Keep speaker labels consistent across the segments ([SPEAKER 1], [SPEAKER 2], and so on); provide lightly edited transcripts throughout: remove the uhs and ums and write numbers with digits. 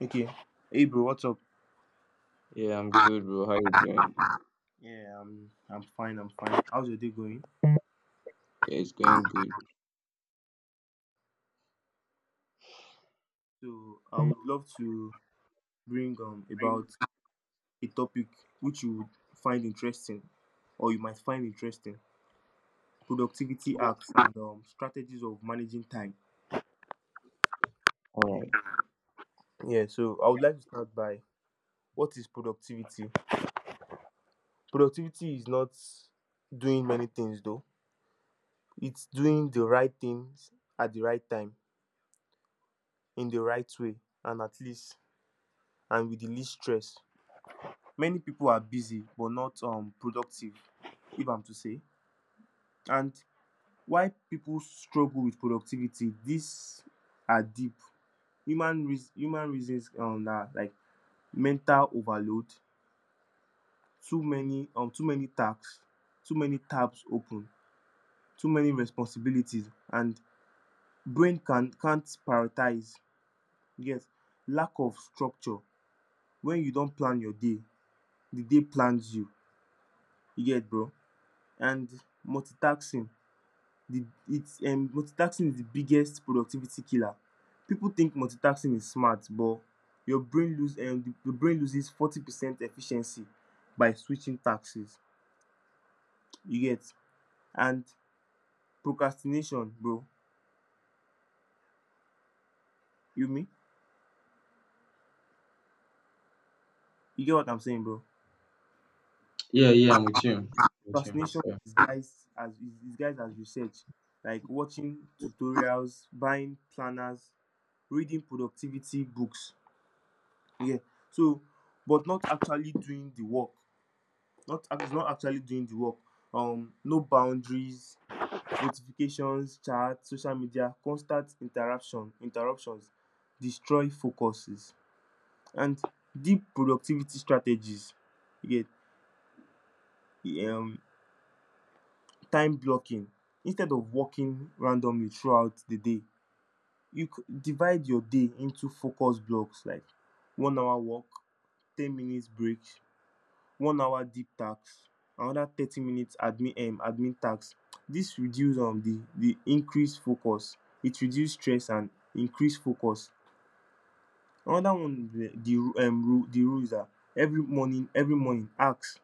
[SPEAKER 1] Okay. Hey bro, what's up?
[SPEAKER 2] Yeah, I'm good, bro. How you doing?
[SPEAKER 1] Yeah, I'm fine, I'm fine. How's your day going?
[SPEAKER 2] Yeah, it's going good.
[SPEAKER 1] So I would love to bring about a topic which you would find interesting, or you might find interesting. Productivity hacks and strategies of managing time.
[SPEAKER 2] All right.
[SPEAKER 1] Yeah, so I would like to start by what is productivity? Productivity is not doing many things though. It's doing the right things at the right time, in the right way, and at least and with the least stress. Many people are busy but not productive, if I'm to say. And why people struggle with productivity, these are deep human reasons, na like mental overload, too many tasks, too many tabs open, too many responsibilities, and brain can't prioritize. Yes, lack of structure. When you don't plan your day, the day plans you. You get, bro? And multitasking, the it's multitasking is the biggest productivity killer. People think multitasking is smart, but your brain your brain loses 40% efficiency by switching taxes, you get? And procrastination, bro. you me you get what I'm saying, bro?
[SPEAKER 2] Yeah, yeah, I'm with you. I'm with you.
[SPEAKER 1] Procrastination
[SPEAKER 2] Yeah.
[SPEAKER 1] is guys as research, like watching tutorials, buying planners, reading productivity books, yeah. So, but not actually doing the work, not actually doing the work. No boundaries, notifications, chat, social media, constant interruptions destroy focuses. And deep productivity strategies. You get time blocking. Instead of working randomly throughout the day, you divide your day into focus blocks, like 1 hour work, 10 minutes break, 1 hour deep tax, another 30 minutes admin tax. This reduce the increased focus, it reduce stress and increase focus. Another one, the rule is that every morning ask,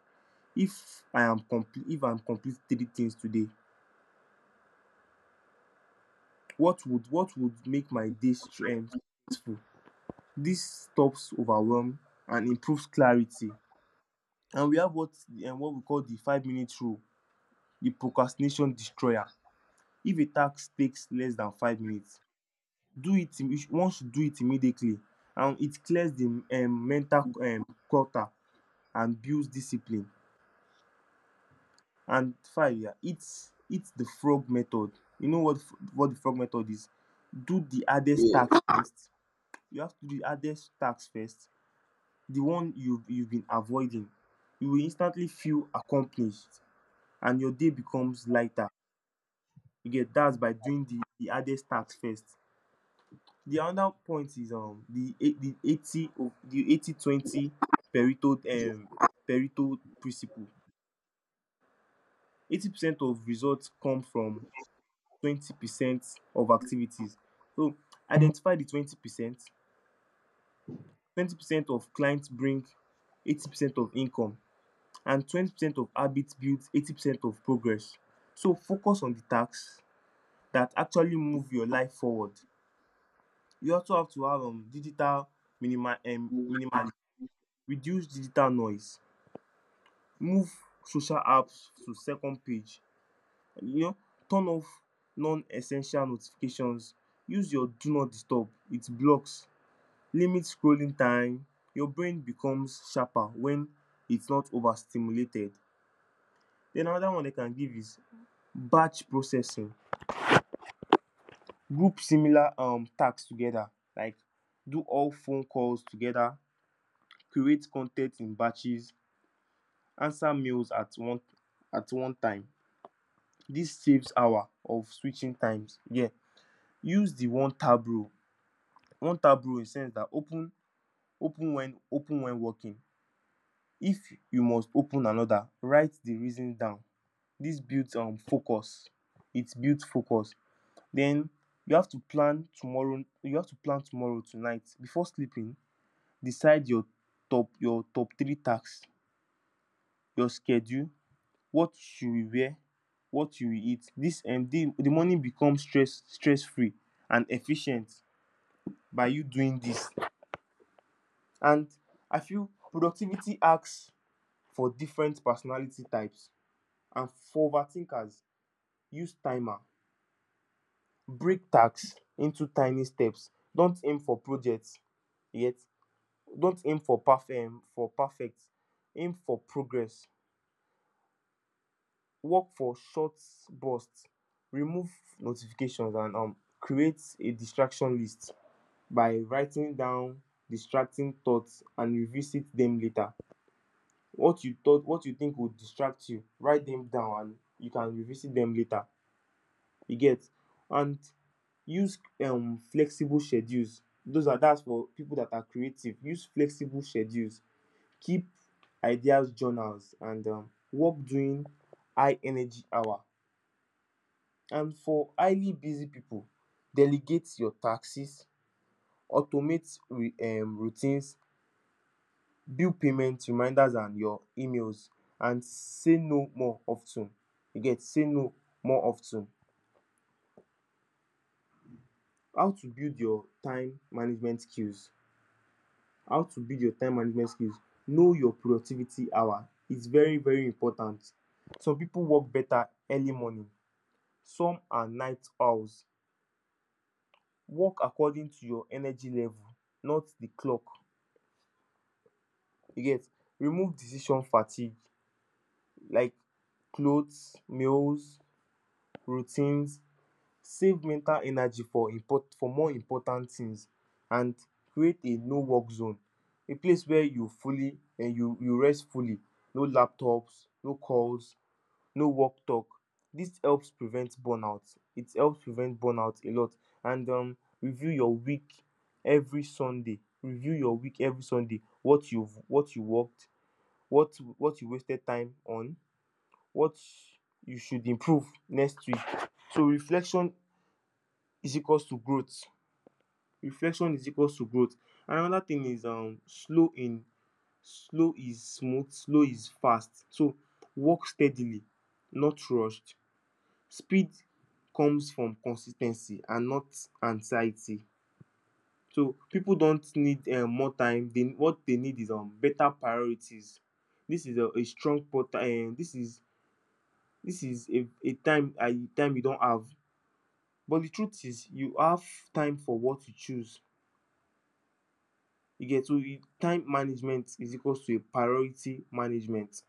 [SPEAKER 1] if I am complete three things today, what would make my day um stressful. This stops overwhelm and improves clarity. And we have what we call the 5 minute rule, the procrastination destroyer. If a task takes less than 5 minutes, one should do it immediately, and it clears the mental clutter and builds discipline. And five Yeah, it's the frog method. You know what the frog method is: do the hardest
[SPEAKER 2] Yeah.
[SPEAKER 1] task first. You have to do the hardest task first, the one you you've been avoiding. You will instantly feel accomplished and your day becomes lighter. You get that by doing the hardest task first. The other point is the eight the 80 of the 80 20 pareto pareto principle. 80% of results come from 20% of activities. So identify the 20%. 20% of clients bring 80% of income, and 20% of habits build 80% of progress. So focus on the tasks that actually move your life forward. You also have to have digital minimally reduce digital noise. Move social apps to second page, and, you know, turn off non-essential notifications. Use your do not disturb, it blocks, limit scrolling time. Your brain becomes sharper when it's not overstimulated. Then another one I can give is batch processing. Group similar tasks together, like do all phone calls together, create con in batches, answer mails at one time. This saves hour of switching times here. Use the one tab rule. One tab rule in sense that open when working, if you must open another, write the reason down. This builds focus, it builds focus. Then you have to plan tomorrow tonight before sleeping. Decide your top three tasks, your schedule, what you will wear, what you will eat. This day the money becomes stress free and efficient by you doing this. And I feel productivity asks for different personality types. And for overthinkers, use timer, break tasks into tiny steps, don't aim for projects yet, don't aim for perfect, aim for progress. Work for short bursts. Remove notifications and create a distraction list by writing down distracting thoughts and revisit them later. What you think would distract you, write them down and you can revisit them later, you get? And use flexible schedules, those are that's for people that are creative. Use flexible schedules, keep ideas journals, and work during high energy hour. And for highly busy pipu, delegate your taxes, automate routines, build payment reminders and your emails, and say no more of ten. You get? Say no more of ten. How to build your time management skills. How to build your time management skills. Know your productivity hour. It's very, very important. Some pipu work better early morning, some are night owls. Work according to your energy level, not the clock. You get. Remove decision fatigue, like clothes, meals, routines. Save mental energy for import for more important things. And create a no work zone, a place where you you rest fully, no laptops, no calls, no work talk. This helps prevent burnout, it helps prevent burnout a lot. And review your week every sunday review your week every Sunday. What you worked, what you wasted time on, what you should improve next week. So reflection is equals to growth. Reflection is equals to growth. And another thing is slow is smooth, slow is fast. So work steadily, not rushed. Speed comes from consistency and not anxiety. So people don't need more time, they what they need is better priorities. This is this is a, time you don't have, but the truth is you have time for what you choose, you get? So time management is equals to a priority management.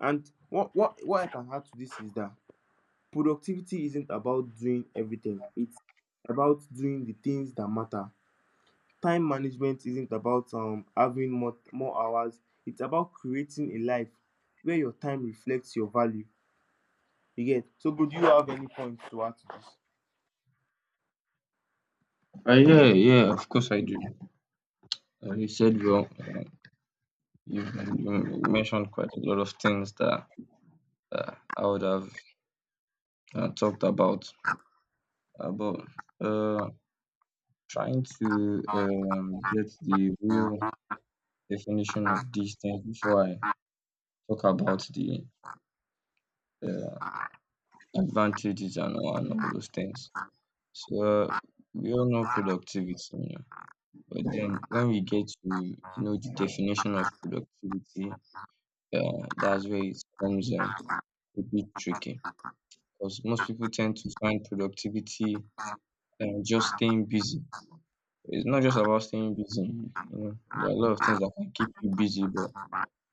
[SPEAKER 1] And what I can add to this is that productivity isn't about doing everything, it's about doing the things that matter. Time management isn't about having more more hours, it's about creating a life where your time reflects your value. You get? So good, do you have any points to add to this?
[SPEAKER 2] Yeah, yeah, of course I do. You said well, you mentioned quite a lot of things that uh, I would have talked about uh, trying to get the real definition of these things before I talk about the uh, advantages and all those things. So we all know productivity, you know, but then when we get to know the definition of productivity, that's where it becomes a bit tricky because most people tend to find productivity just staying busy. It's not just about staying busy, you know. There are a lot of things that can keep you busy, but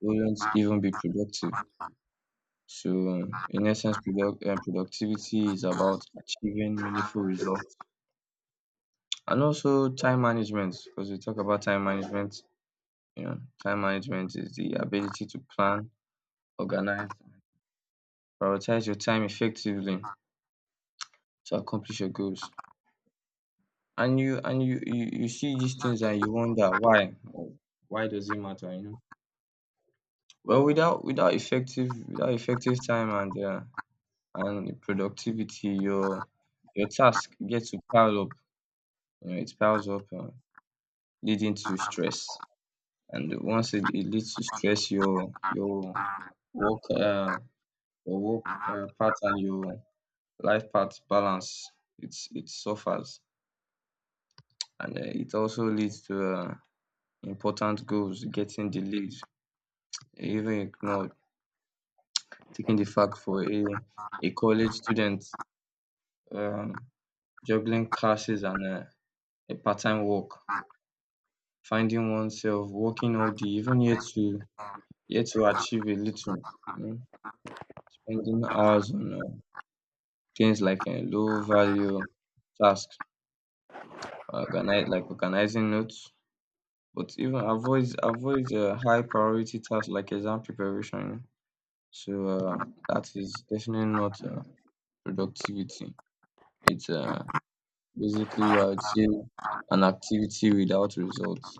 [SPEAKER 2] won't even be productive. So, in essence, productivity is about achieving meaningful results, and also time management, because we talk about time management. You know, time management is the ability to plan, organize, prioritize your time effectively to accomplish your goals. And you see these things and you wonder why does it matter, you know? Well, without effective, without effective time and productivity, your task gets to pile up. You know, it piles up, leading to stress. And once it leads to stress, your work your work pattern, your life path balance, it suffers, and it also leads to important goals getting delayed, even ignored, taking the fact for a college student um juggling classes and a part-time work, finding oneself working all day, even yet to achieve a little, um spending hours on things like low value tasks, organize like organizing notes. But even avoid high priority tasks like exam preparation. So that is definitely not productivity. It's basically, I would say, an activity without results.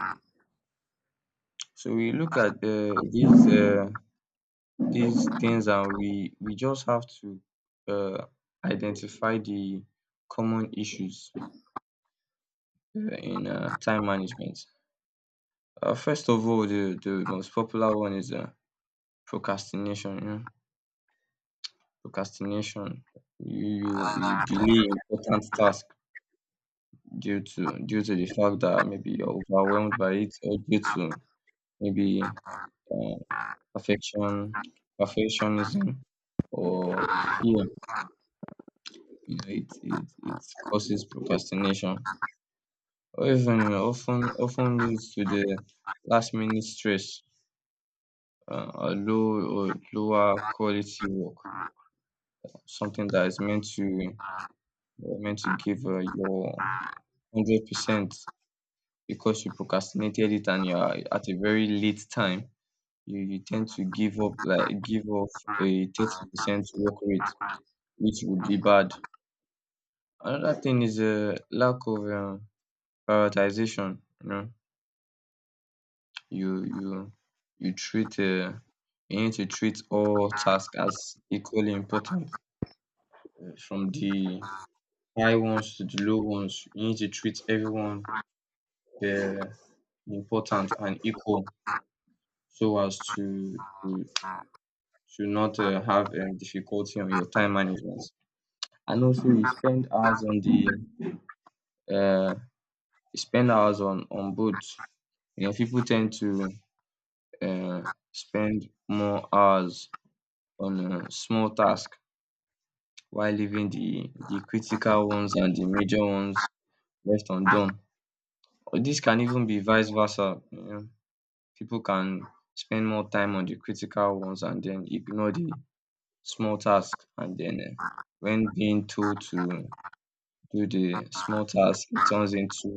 [SPEAKER 2] So we look at these things, and we just have to uh, identify the common issues in time management. First of all, the most popular one is procrastination. You know? Procrastination, you delay important task due to the fact that maybe you're overwhelmed by it, or due to maybe uh, perfection perfectionism or fear. You know, it causes procrastination, or even often leads to the last minute stress, or lower quality work. Something that is meant to meant to give your 100%, because you procrastinated it and you are at a very late time, you tend to give up, like give off a 30% work rate, which would be bad. Another thing is a lack of prioritization. You know, you you you treat you need to treat all tasks as equally important, from the high ones to the low ones. You need to treat everyone uh, important and equal, so as to should not have difficulty on your time management. And also, you spend hours on the uh, you spend hours on both. You know, people tend to uh, spend more hours on small tasks, while leaving the critical ones and the major ones left undone. Or this can even be vice versa. You know, people can spend more time on the critical ones and then ignore the small tasks and then. When being told to do the small task, it turns into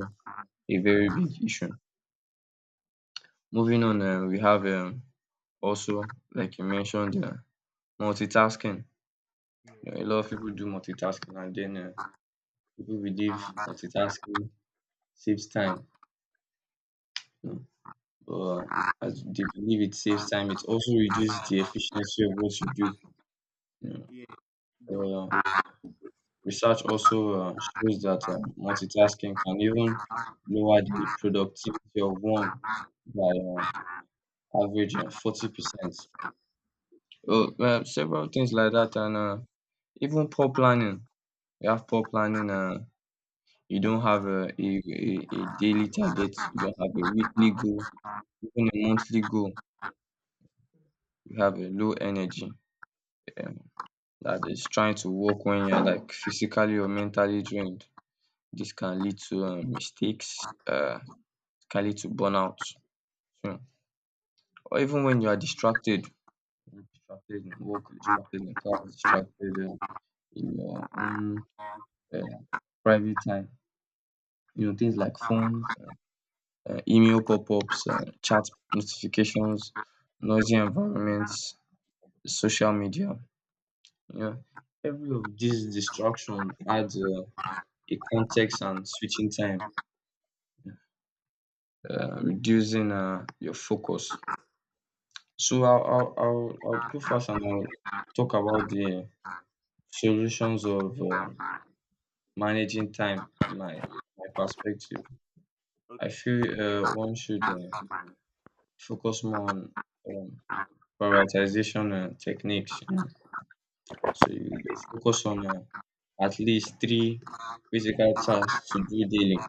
[SPEAKER 2] a very big issue. Moving on, we have also, like you mentioned, multitasking.
[SPEAKER 1] yeah
[SPEAKER 2] You know, a lot of people do multitasking, and then people believe multitasking saves time. You know, but as they believe it saves time, it also reduces the efficiency of what you do. You know.
[SPEAKER 1] yeah it does
[SPEAKER 2] Uh, Research also shows that multitasking can even lower the productivity of one by average 40%. Oh, well, several things like that, and even poor planning. You have poor planning, you don't have a daily target, you don't have a weekly goal, even a monthly goal. You have a low energy um, that is trying to work when you're like physically or mentally drained. This can lead to mistakes, uh, can lead to burnout, so, or even when you are distracted, distracted in work, distracted in class, distracted in your own uh, private time. You know, things like phones, email pop-ups, chat notifications, noisy environments, social media. You know, every of these distraction adds a context and switching time, reducing your focus. So I'll go first, and I'll talk about the solutions of managing time in my my perspective. I
[SPEAKER 1] Okay.
[SPEAKER 2] feel one should focus more on um, prioritization, techniques, you know. So you focus on, at least three physical tasks to do daily,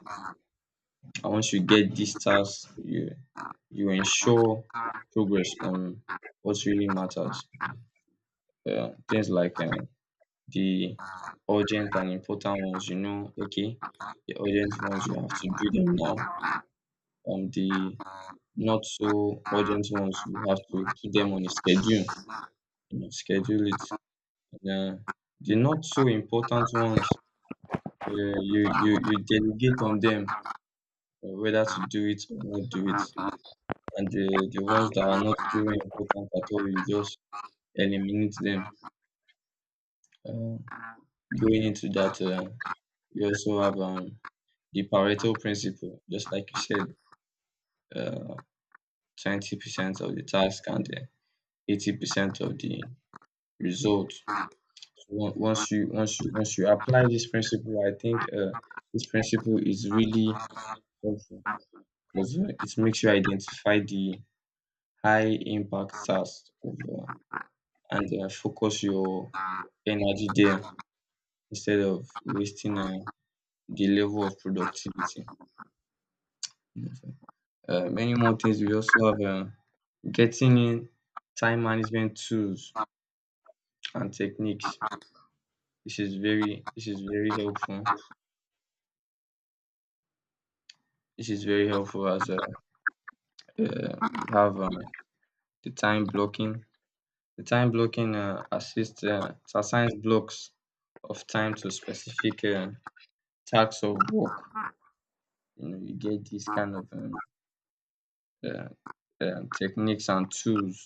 [SPEAKER 2] and once you get these tasks, you ensure progress on what really matters. Yeah, things like, the urgent and important ones, you know, okay, the urgent ones, you have to do them now. On the not so urgent ones, you have to put them on a schedule, you know, schedule it. Yeah, the not so important ones, you delegate on them whether to do it or not do it, and the ones that are not very important at all, you just eliminate them. Uh, Going into that, you also have the Pareto principle, just like you said, uh, 20% of the task and 80% of the result. So once you apply this principle, I think this principle is really helpful, because you it makes you identify the high impact tasks of, and focus your energy there instead of wasting the level of productivity. Many more things we also have getting in time management tools and techniques. This is very helpful. This is very helpful as we have the time blocking. The time blocking assists, it assigns blocks of time to specific tasks of work. You know, you get these kind of uh, techniques and tools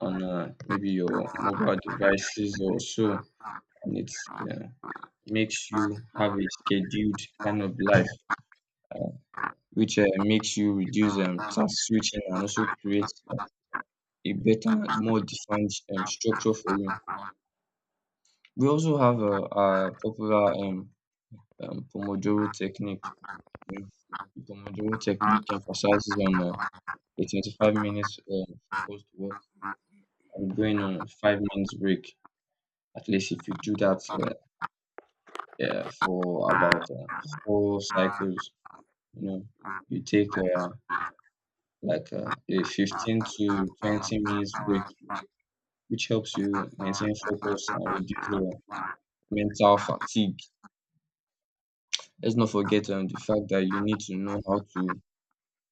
[SPEAKER 2] on maybe your mobile devices or so, and it uh, makes you have a scheduled kind of life, which makes you reduce task switching, and also creates a better, more defined structure for you. We also have our popular Pomodoro technique. You know, the Pomodoro technique emphasizes on a 25 minutes focused work and going on a 5 minutes break. At least if you do that for about four cycles, you know, you take like a 15 to 20 minutes break, which helps you maintain focus and reduce the mental fatigue. Let's not forget the fact that you need to know how to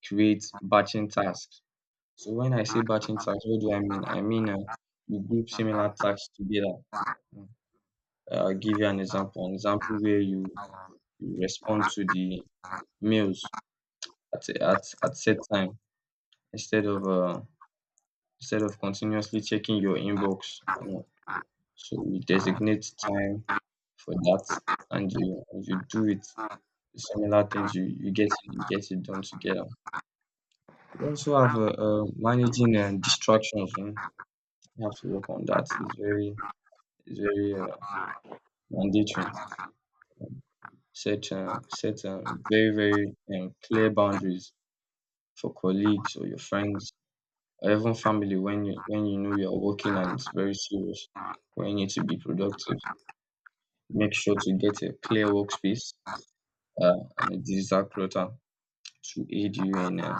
[SPEAKER 2] create batching tasks. So when I say batching tasks, what do I mean? I mean, you group similar tasks together. Mm. I'll give you an example. An example where you respond to the mails at at set time instead of continuously checking your inbox, you know. So you designate time for that, and you do it similar things. You get it done together. We also have managing distractions. Mm. You have to work on that. It's very and dating. Set very very clear boundaries for colleagues or your friends or even family when you, when you know you're working and it's very serious. When you need to be productive, make sure to get a clear workspace and a digital clutter to aid you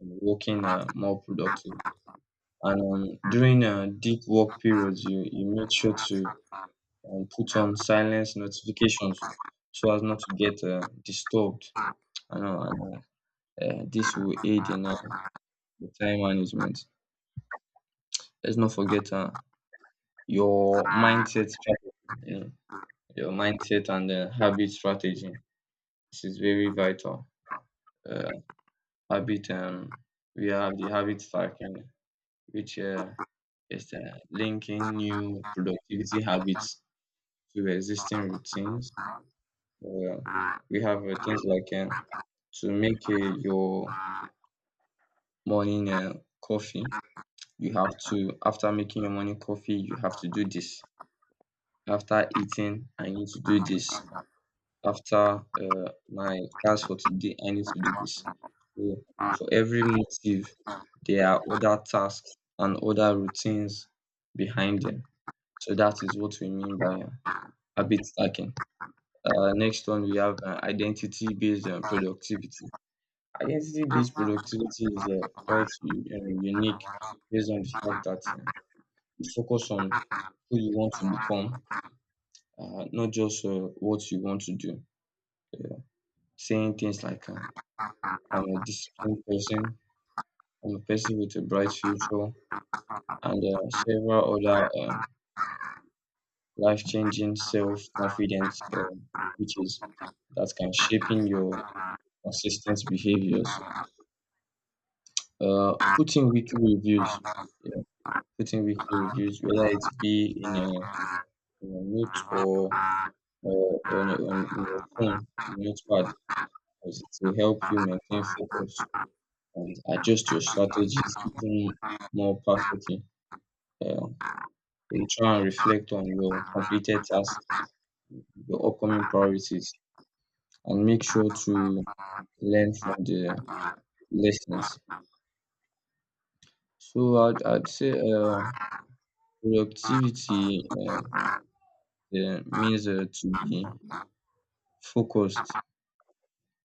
[SPEAKER 2] in working more productive. And during deep work periods, you make sure to put on silence notifications so as not to get disturbed. I know. This will aid in your time management. Let's not forget your mindset strategy, you know, your mindset and habit strategy. This is very vital. Uh, habit, um, we have the habit stacking, which is linking new productivity habits to existing routines. Uh, we have things like to make your morning coffee. You have to, after making your morning coffee, you have to do this. After eating, I need to do this. After my class for today, I need to do this. So for every motive, there are other tasks and other routines behind them. So that is what we mean by habit stacking. Next one, we have identity based productivity. Identity based productivity is quite unique, based on the fact that you focus on who you want to become, not just what you want to do. Yeah. Saying things like, I'm a disciplined person, I'm a person with a bright future, and several other life changing self confidence features that can shaping your consistent behaviors. Putting weekly reviews, yeah, putting weekly reviews, whether it be
[SPEAKER 1] Yeah.
[SPEAKER 2] in a note or on, a, on your phone, notepad, because it will help you maintain focus and adjust your strategies even more perfectly. Um, you try and reflect on your completed tasks, your upcoming priorities, and make sure to learn from the lessons. So I'd say productivity means to be focused,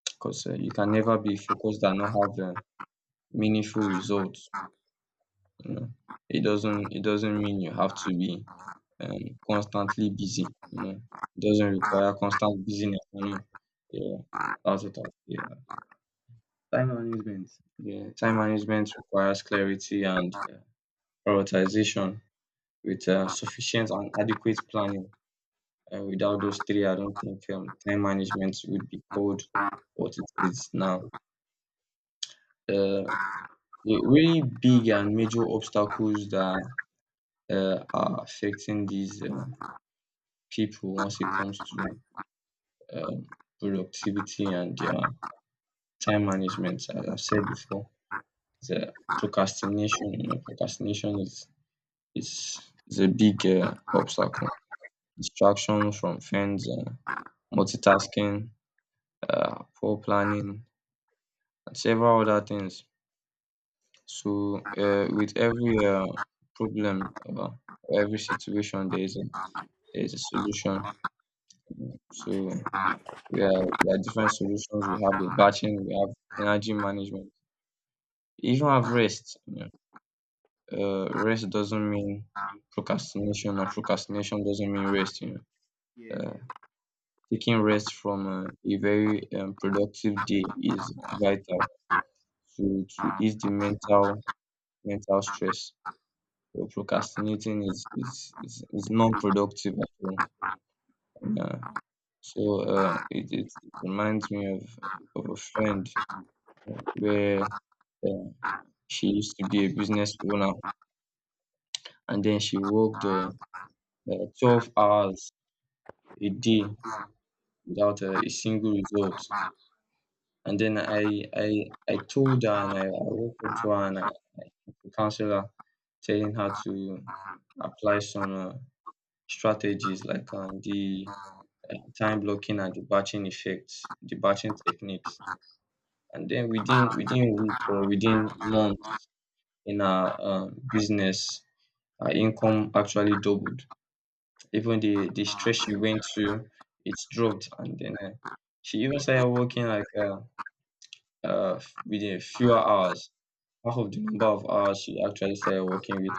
[SPEAKER 2] because you can never be focused and not have meaningful results. You know, it doesn't mean you have to be constantly busy. It doesn't require constant busyness. Yeah, that's what I, yeah. Time management. Yeah, time management requires clarity and prioritization with sufficient and adequate planning. Without those three, I don't think time management would be called what it is now. Uh, the really big and major obstacles that are affecting these people once it comes to um, productivity and their time management, as I've said before, is a procrastination. You know, procrastination is a big obstacle. Distraction from friends, multitasking, poor planning, and several other things. So, with every problem, every situation, there is a, there is a solution. So, we are, there are different solutions. We have the batching, we have energy management, even have rest. Rest doesn't mean procrastination, and procrastination doesn't mean rest. You know, taking rest from a very productive day is vital to ease the mental stress. So procrastinating is non-productive at all. And, so it reminds me of a friend where uh, she used to be a business owner, and then she worked 12 hours a day without a single result. And then I told her, and I walked up to her, and I counseled her, telling her to apply some strategies like the time blocking and the batching effects, the batching techniques. And then within weeks or within months in our business, our income actually doubled. Even the stress she went through, it's dropped. And then she even started working like. Within a few hours, half of the number of hours she actually started working with.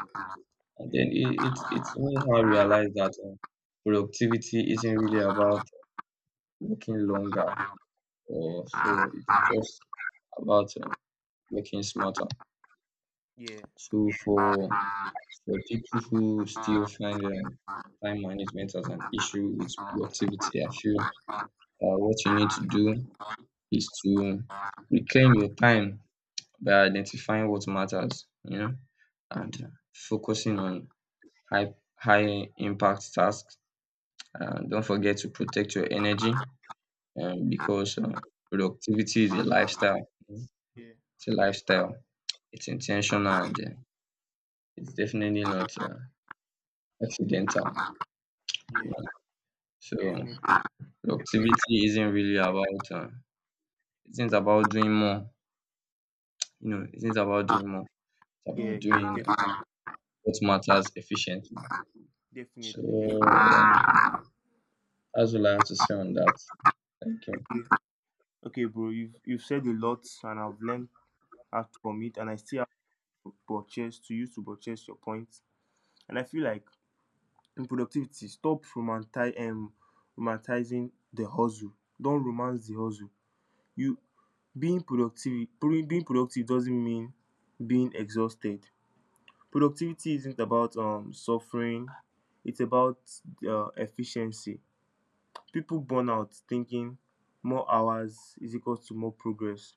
[SPEAKER 2] And then it made her realize that productivity isn't really about working longer, or so, it's just about working smarter.
[SPEAKER 1] Yeah. Yeah.
[SPEAKER 2] So for people who still find time management as an issue with productivity, I feel what you need to do is to reclaim your time by identifying what matters, you know, and focusing on high impact tasks. And don't forget to protect your energy, because productivity is a lifestyle. Mm.
[SPEAKER 1] Yeah.
[SPEAKER 2] It's a lifestyle. It's intentional, and it's definitely not accidental.
[SPEAKER 1] Yeah.
[SPEAKER 2] So
[SPEAKER 1] Definitely.
[SPEAKER 2] productivity isn't really about isn't about doing more. You know, it isn't about doing more. It's
[SPEAKER 1] Yeah.
[SPEAKER 2] about doing what matters efficiently. So
[SPEAKER 1] Definitely. Definitely.
[SPEAKER 2] um, as well, I have to say on that. Thank you.
[SPEAKER 1] Okay, bro. You've said a lot, and I've learned how to commit, and I still have to purchase your points. And I feel like in productivity, stop romanticizing the hustle. Don't romance the hustle. You being productive. Being productive doesn't mean being exhausted. Productivity isn't about suffering, it's about efficiency. People burn out thinking more hours is equals to more progress,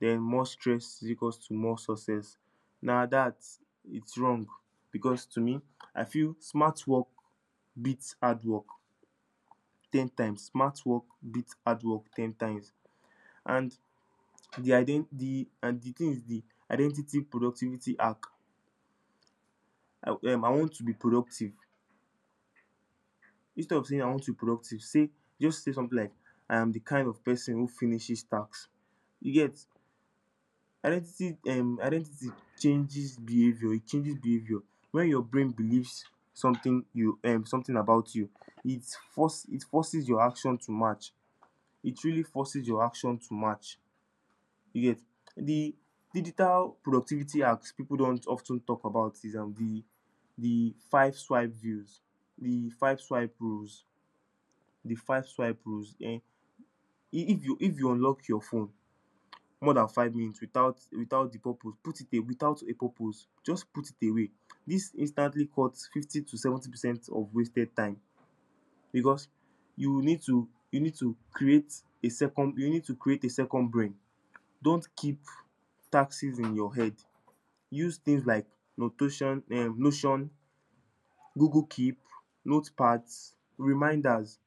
[SPEAKER 1] then more stress is equals to more success. Now that it's wrong, because to me, I feel smart work beats hard work 10 times. Smart work beats hard work ten times. And the thing is the identity productivity hack. I want to be productive Instead of saying I want to be productive, say, just say something like, I am the kind of person who finishes tasks. You get? Identity changes behaviour. It changes behaviour when your brain believes something you something about you, it it forces your action to match. It really forces your action to match. You get? The digital productivity hacks people don't often talk about is the five swipe views the five swipe rules. The five swipe rules. If you unlock your phone more than 5 minutes without the purpose, put it a without a purpose, just put it away. This instantly cuts 50 to 70% of wasted time. Because you need to create a second you need to create a second brain, don't keep taxes in your head. Use things like notation notion, Google Keep, notepads, reminders.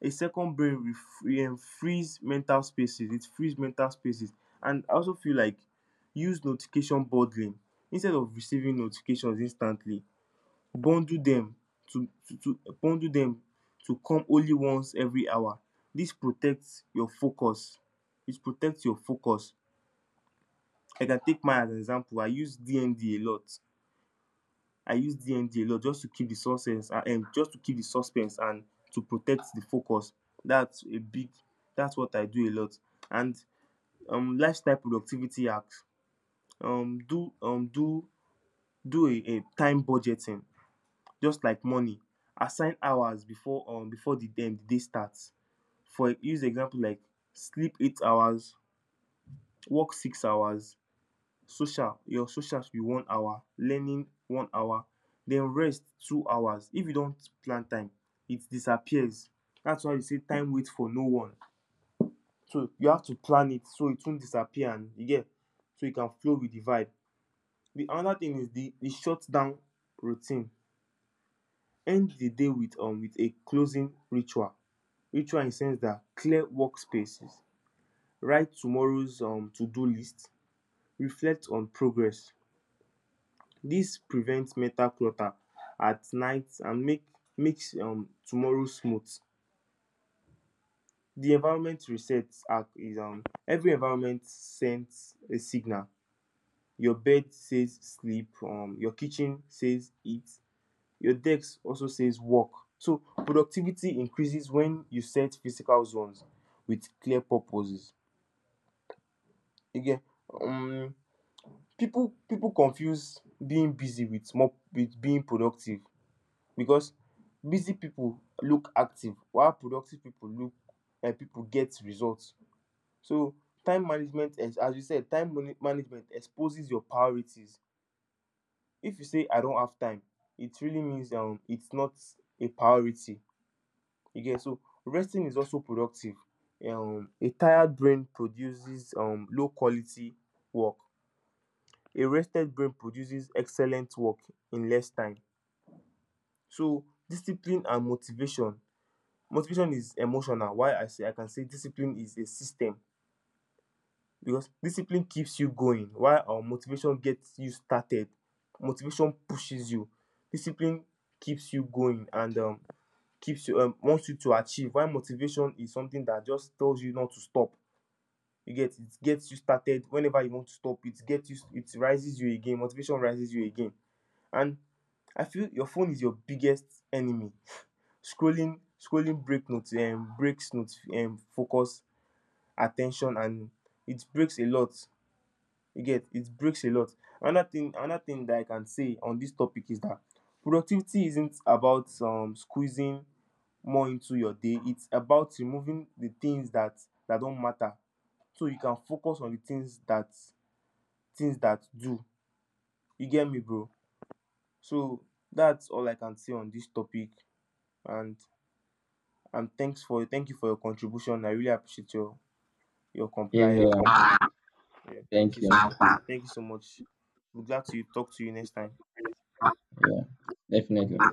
[SPEAKER 1] A second brain refree frees mental spaces, it frees mental spaces. And I also feel like use notification bundling. Instead of receiving notifications instantly, bundle them to bundle them to come only once every hour. This protects your focus, it protects your focus. I can take mine as an example, I use DND a lot. I use DMD a lot just to keep the suspense and to protect the focus. That's a big. That's what I do a lot. And lifestyle productivity hacks. Um, do um do do a time budgeting, just like money. Assign hours before the day starts. For use example, like sleep 8 hours, work 6 hours, social your social should be 1 hour, learning 1 hour, then rest 2 hours. If you don't plan time, it disappears. That's why you say time waits for no one. So you have to plan it so it won't disappear, and you get, so you can flow with the vibe. The another thing is the shut down routine. End the day with a closing ritual. Ritual in the sense that clear workspaces, write tomorrow's to do list, reflect on progress. This prevents mental clutter at night and makes tomorrow smooth. The environment resets app is every environment sends a signal. Your bed says sleep, your kitchen says eat, your desk also says work. So productivity increases when you set physical zones with clear purposes. Again, um people confuse being busy with being productive, because busy people look active, while productive people look like people get results. So time management as you said, management exposes your priorities. If you say I don't have time, it really means it's not a priority, you get? So resting is also productive. A tired brain produces low quality work, a rested brain produces excellent work in less time. So discipline and motivation. Motivation is emotional. Why I say I can say Discipline is a system, because discipline keeps you going, while motivation gets you started. Motivation pushes you. Discipline keeps you going and keeps you wants you to achieve, while motivation is something that just tells you not to stop. You get? It gets you started. Whenever you want to stop, it rises you again, motivation rises you again. And I feel your phone is your biggest enemy. Scrolling breaks notes focus, attention. And it breaks a lot, you get, it breaks a lot. Another thing that I can say on this topic is that productivity isn't about squeezing more into your day, it's about removing the things that don't matter, so you can focus on the things that do. You get me, bro? So that's all I can say on this topic. And thank you for your contribution, I really appreciate your
[SPEAKER 2] Yeah, yeah,
[SPEAKER 1] compliance.
[SPEAKER 2] yeah.
[SPEAKER 1] Yeah, thank
[SPEAKER 2] Thank
[SPEAKER 1] you so
[SPEAKER 2] you.
[SPEAKER 1] much. Thank you so much. We'll glad to talk to you next time.
[SPEAKER 2] Yeah, definitely.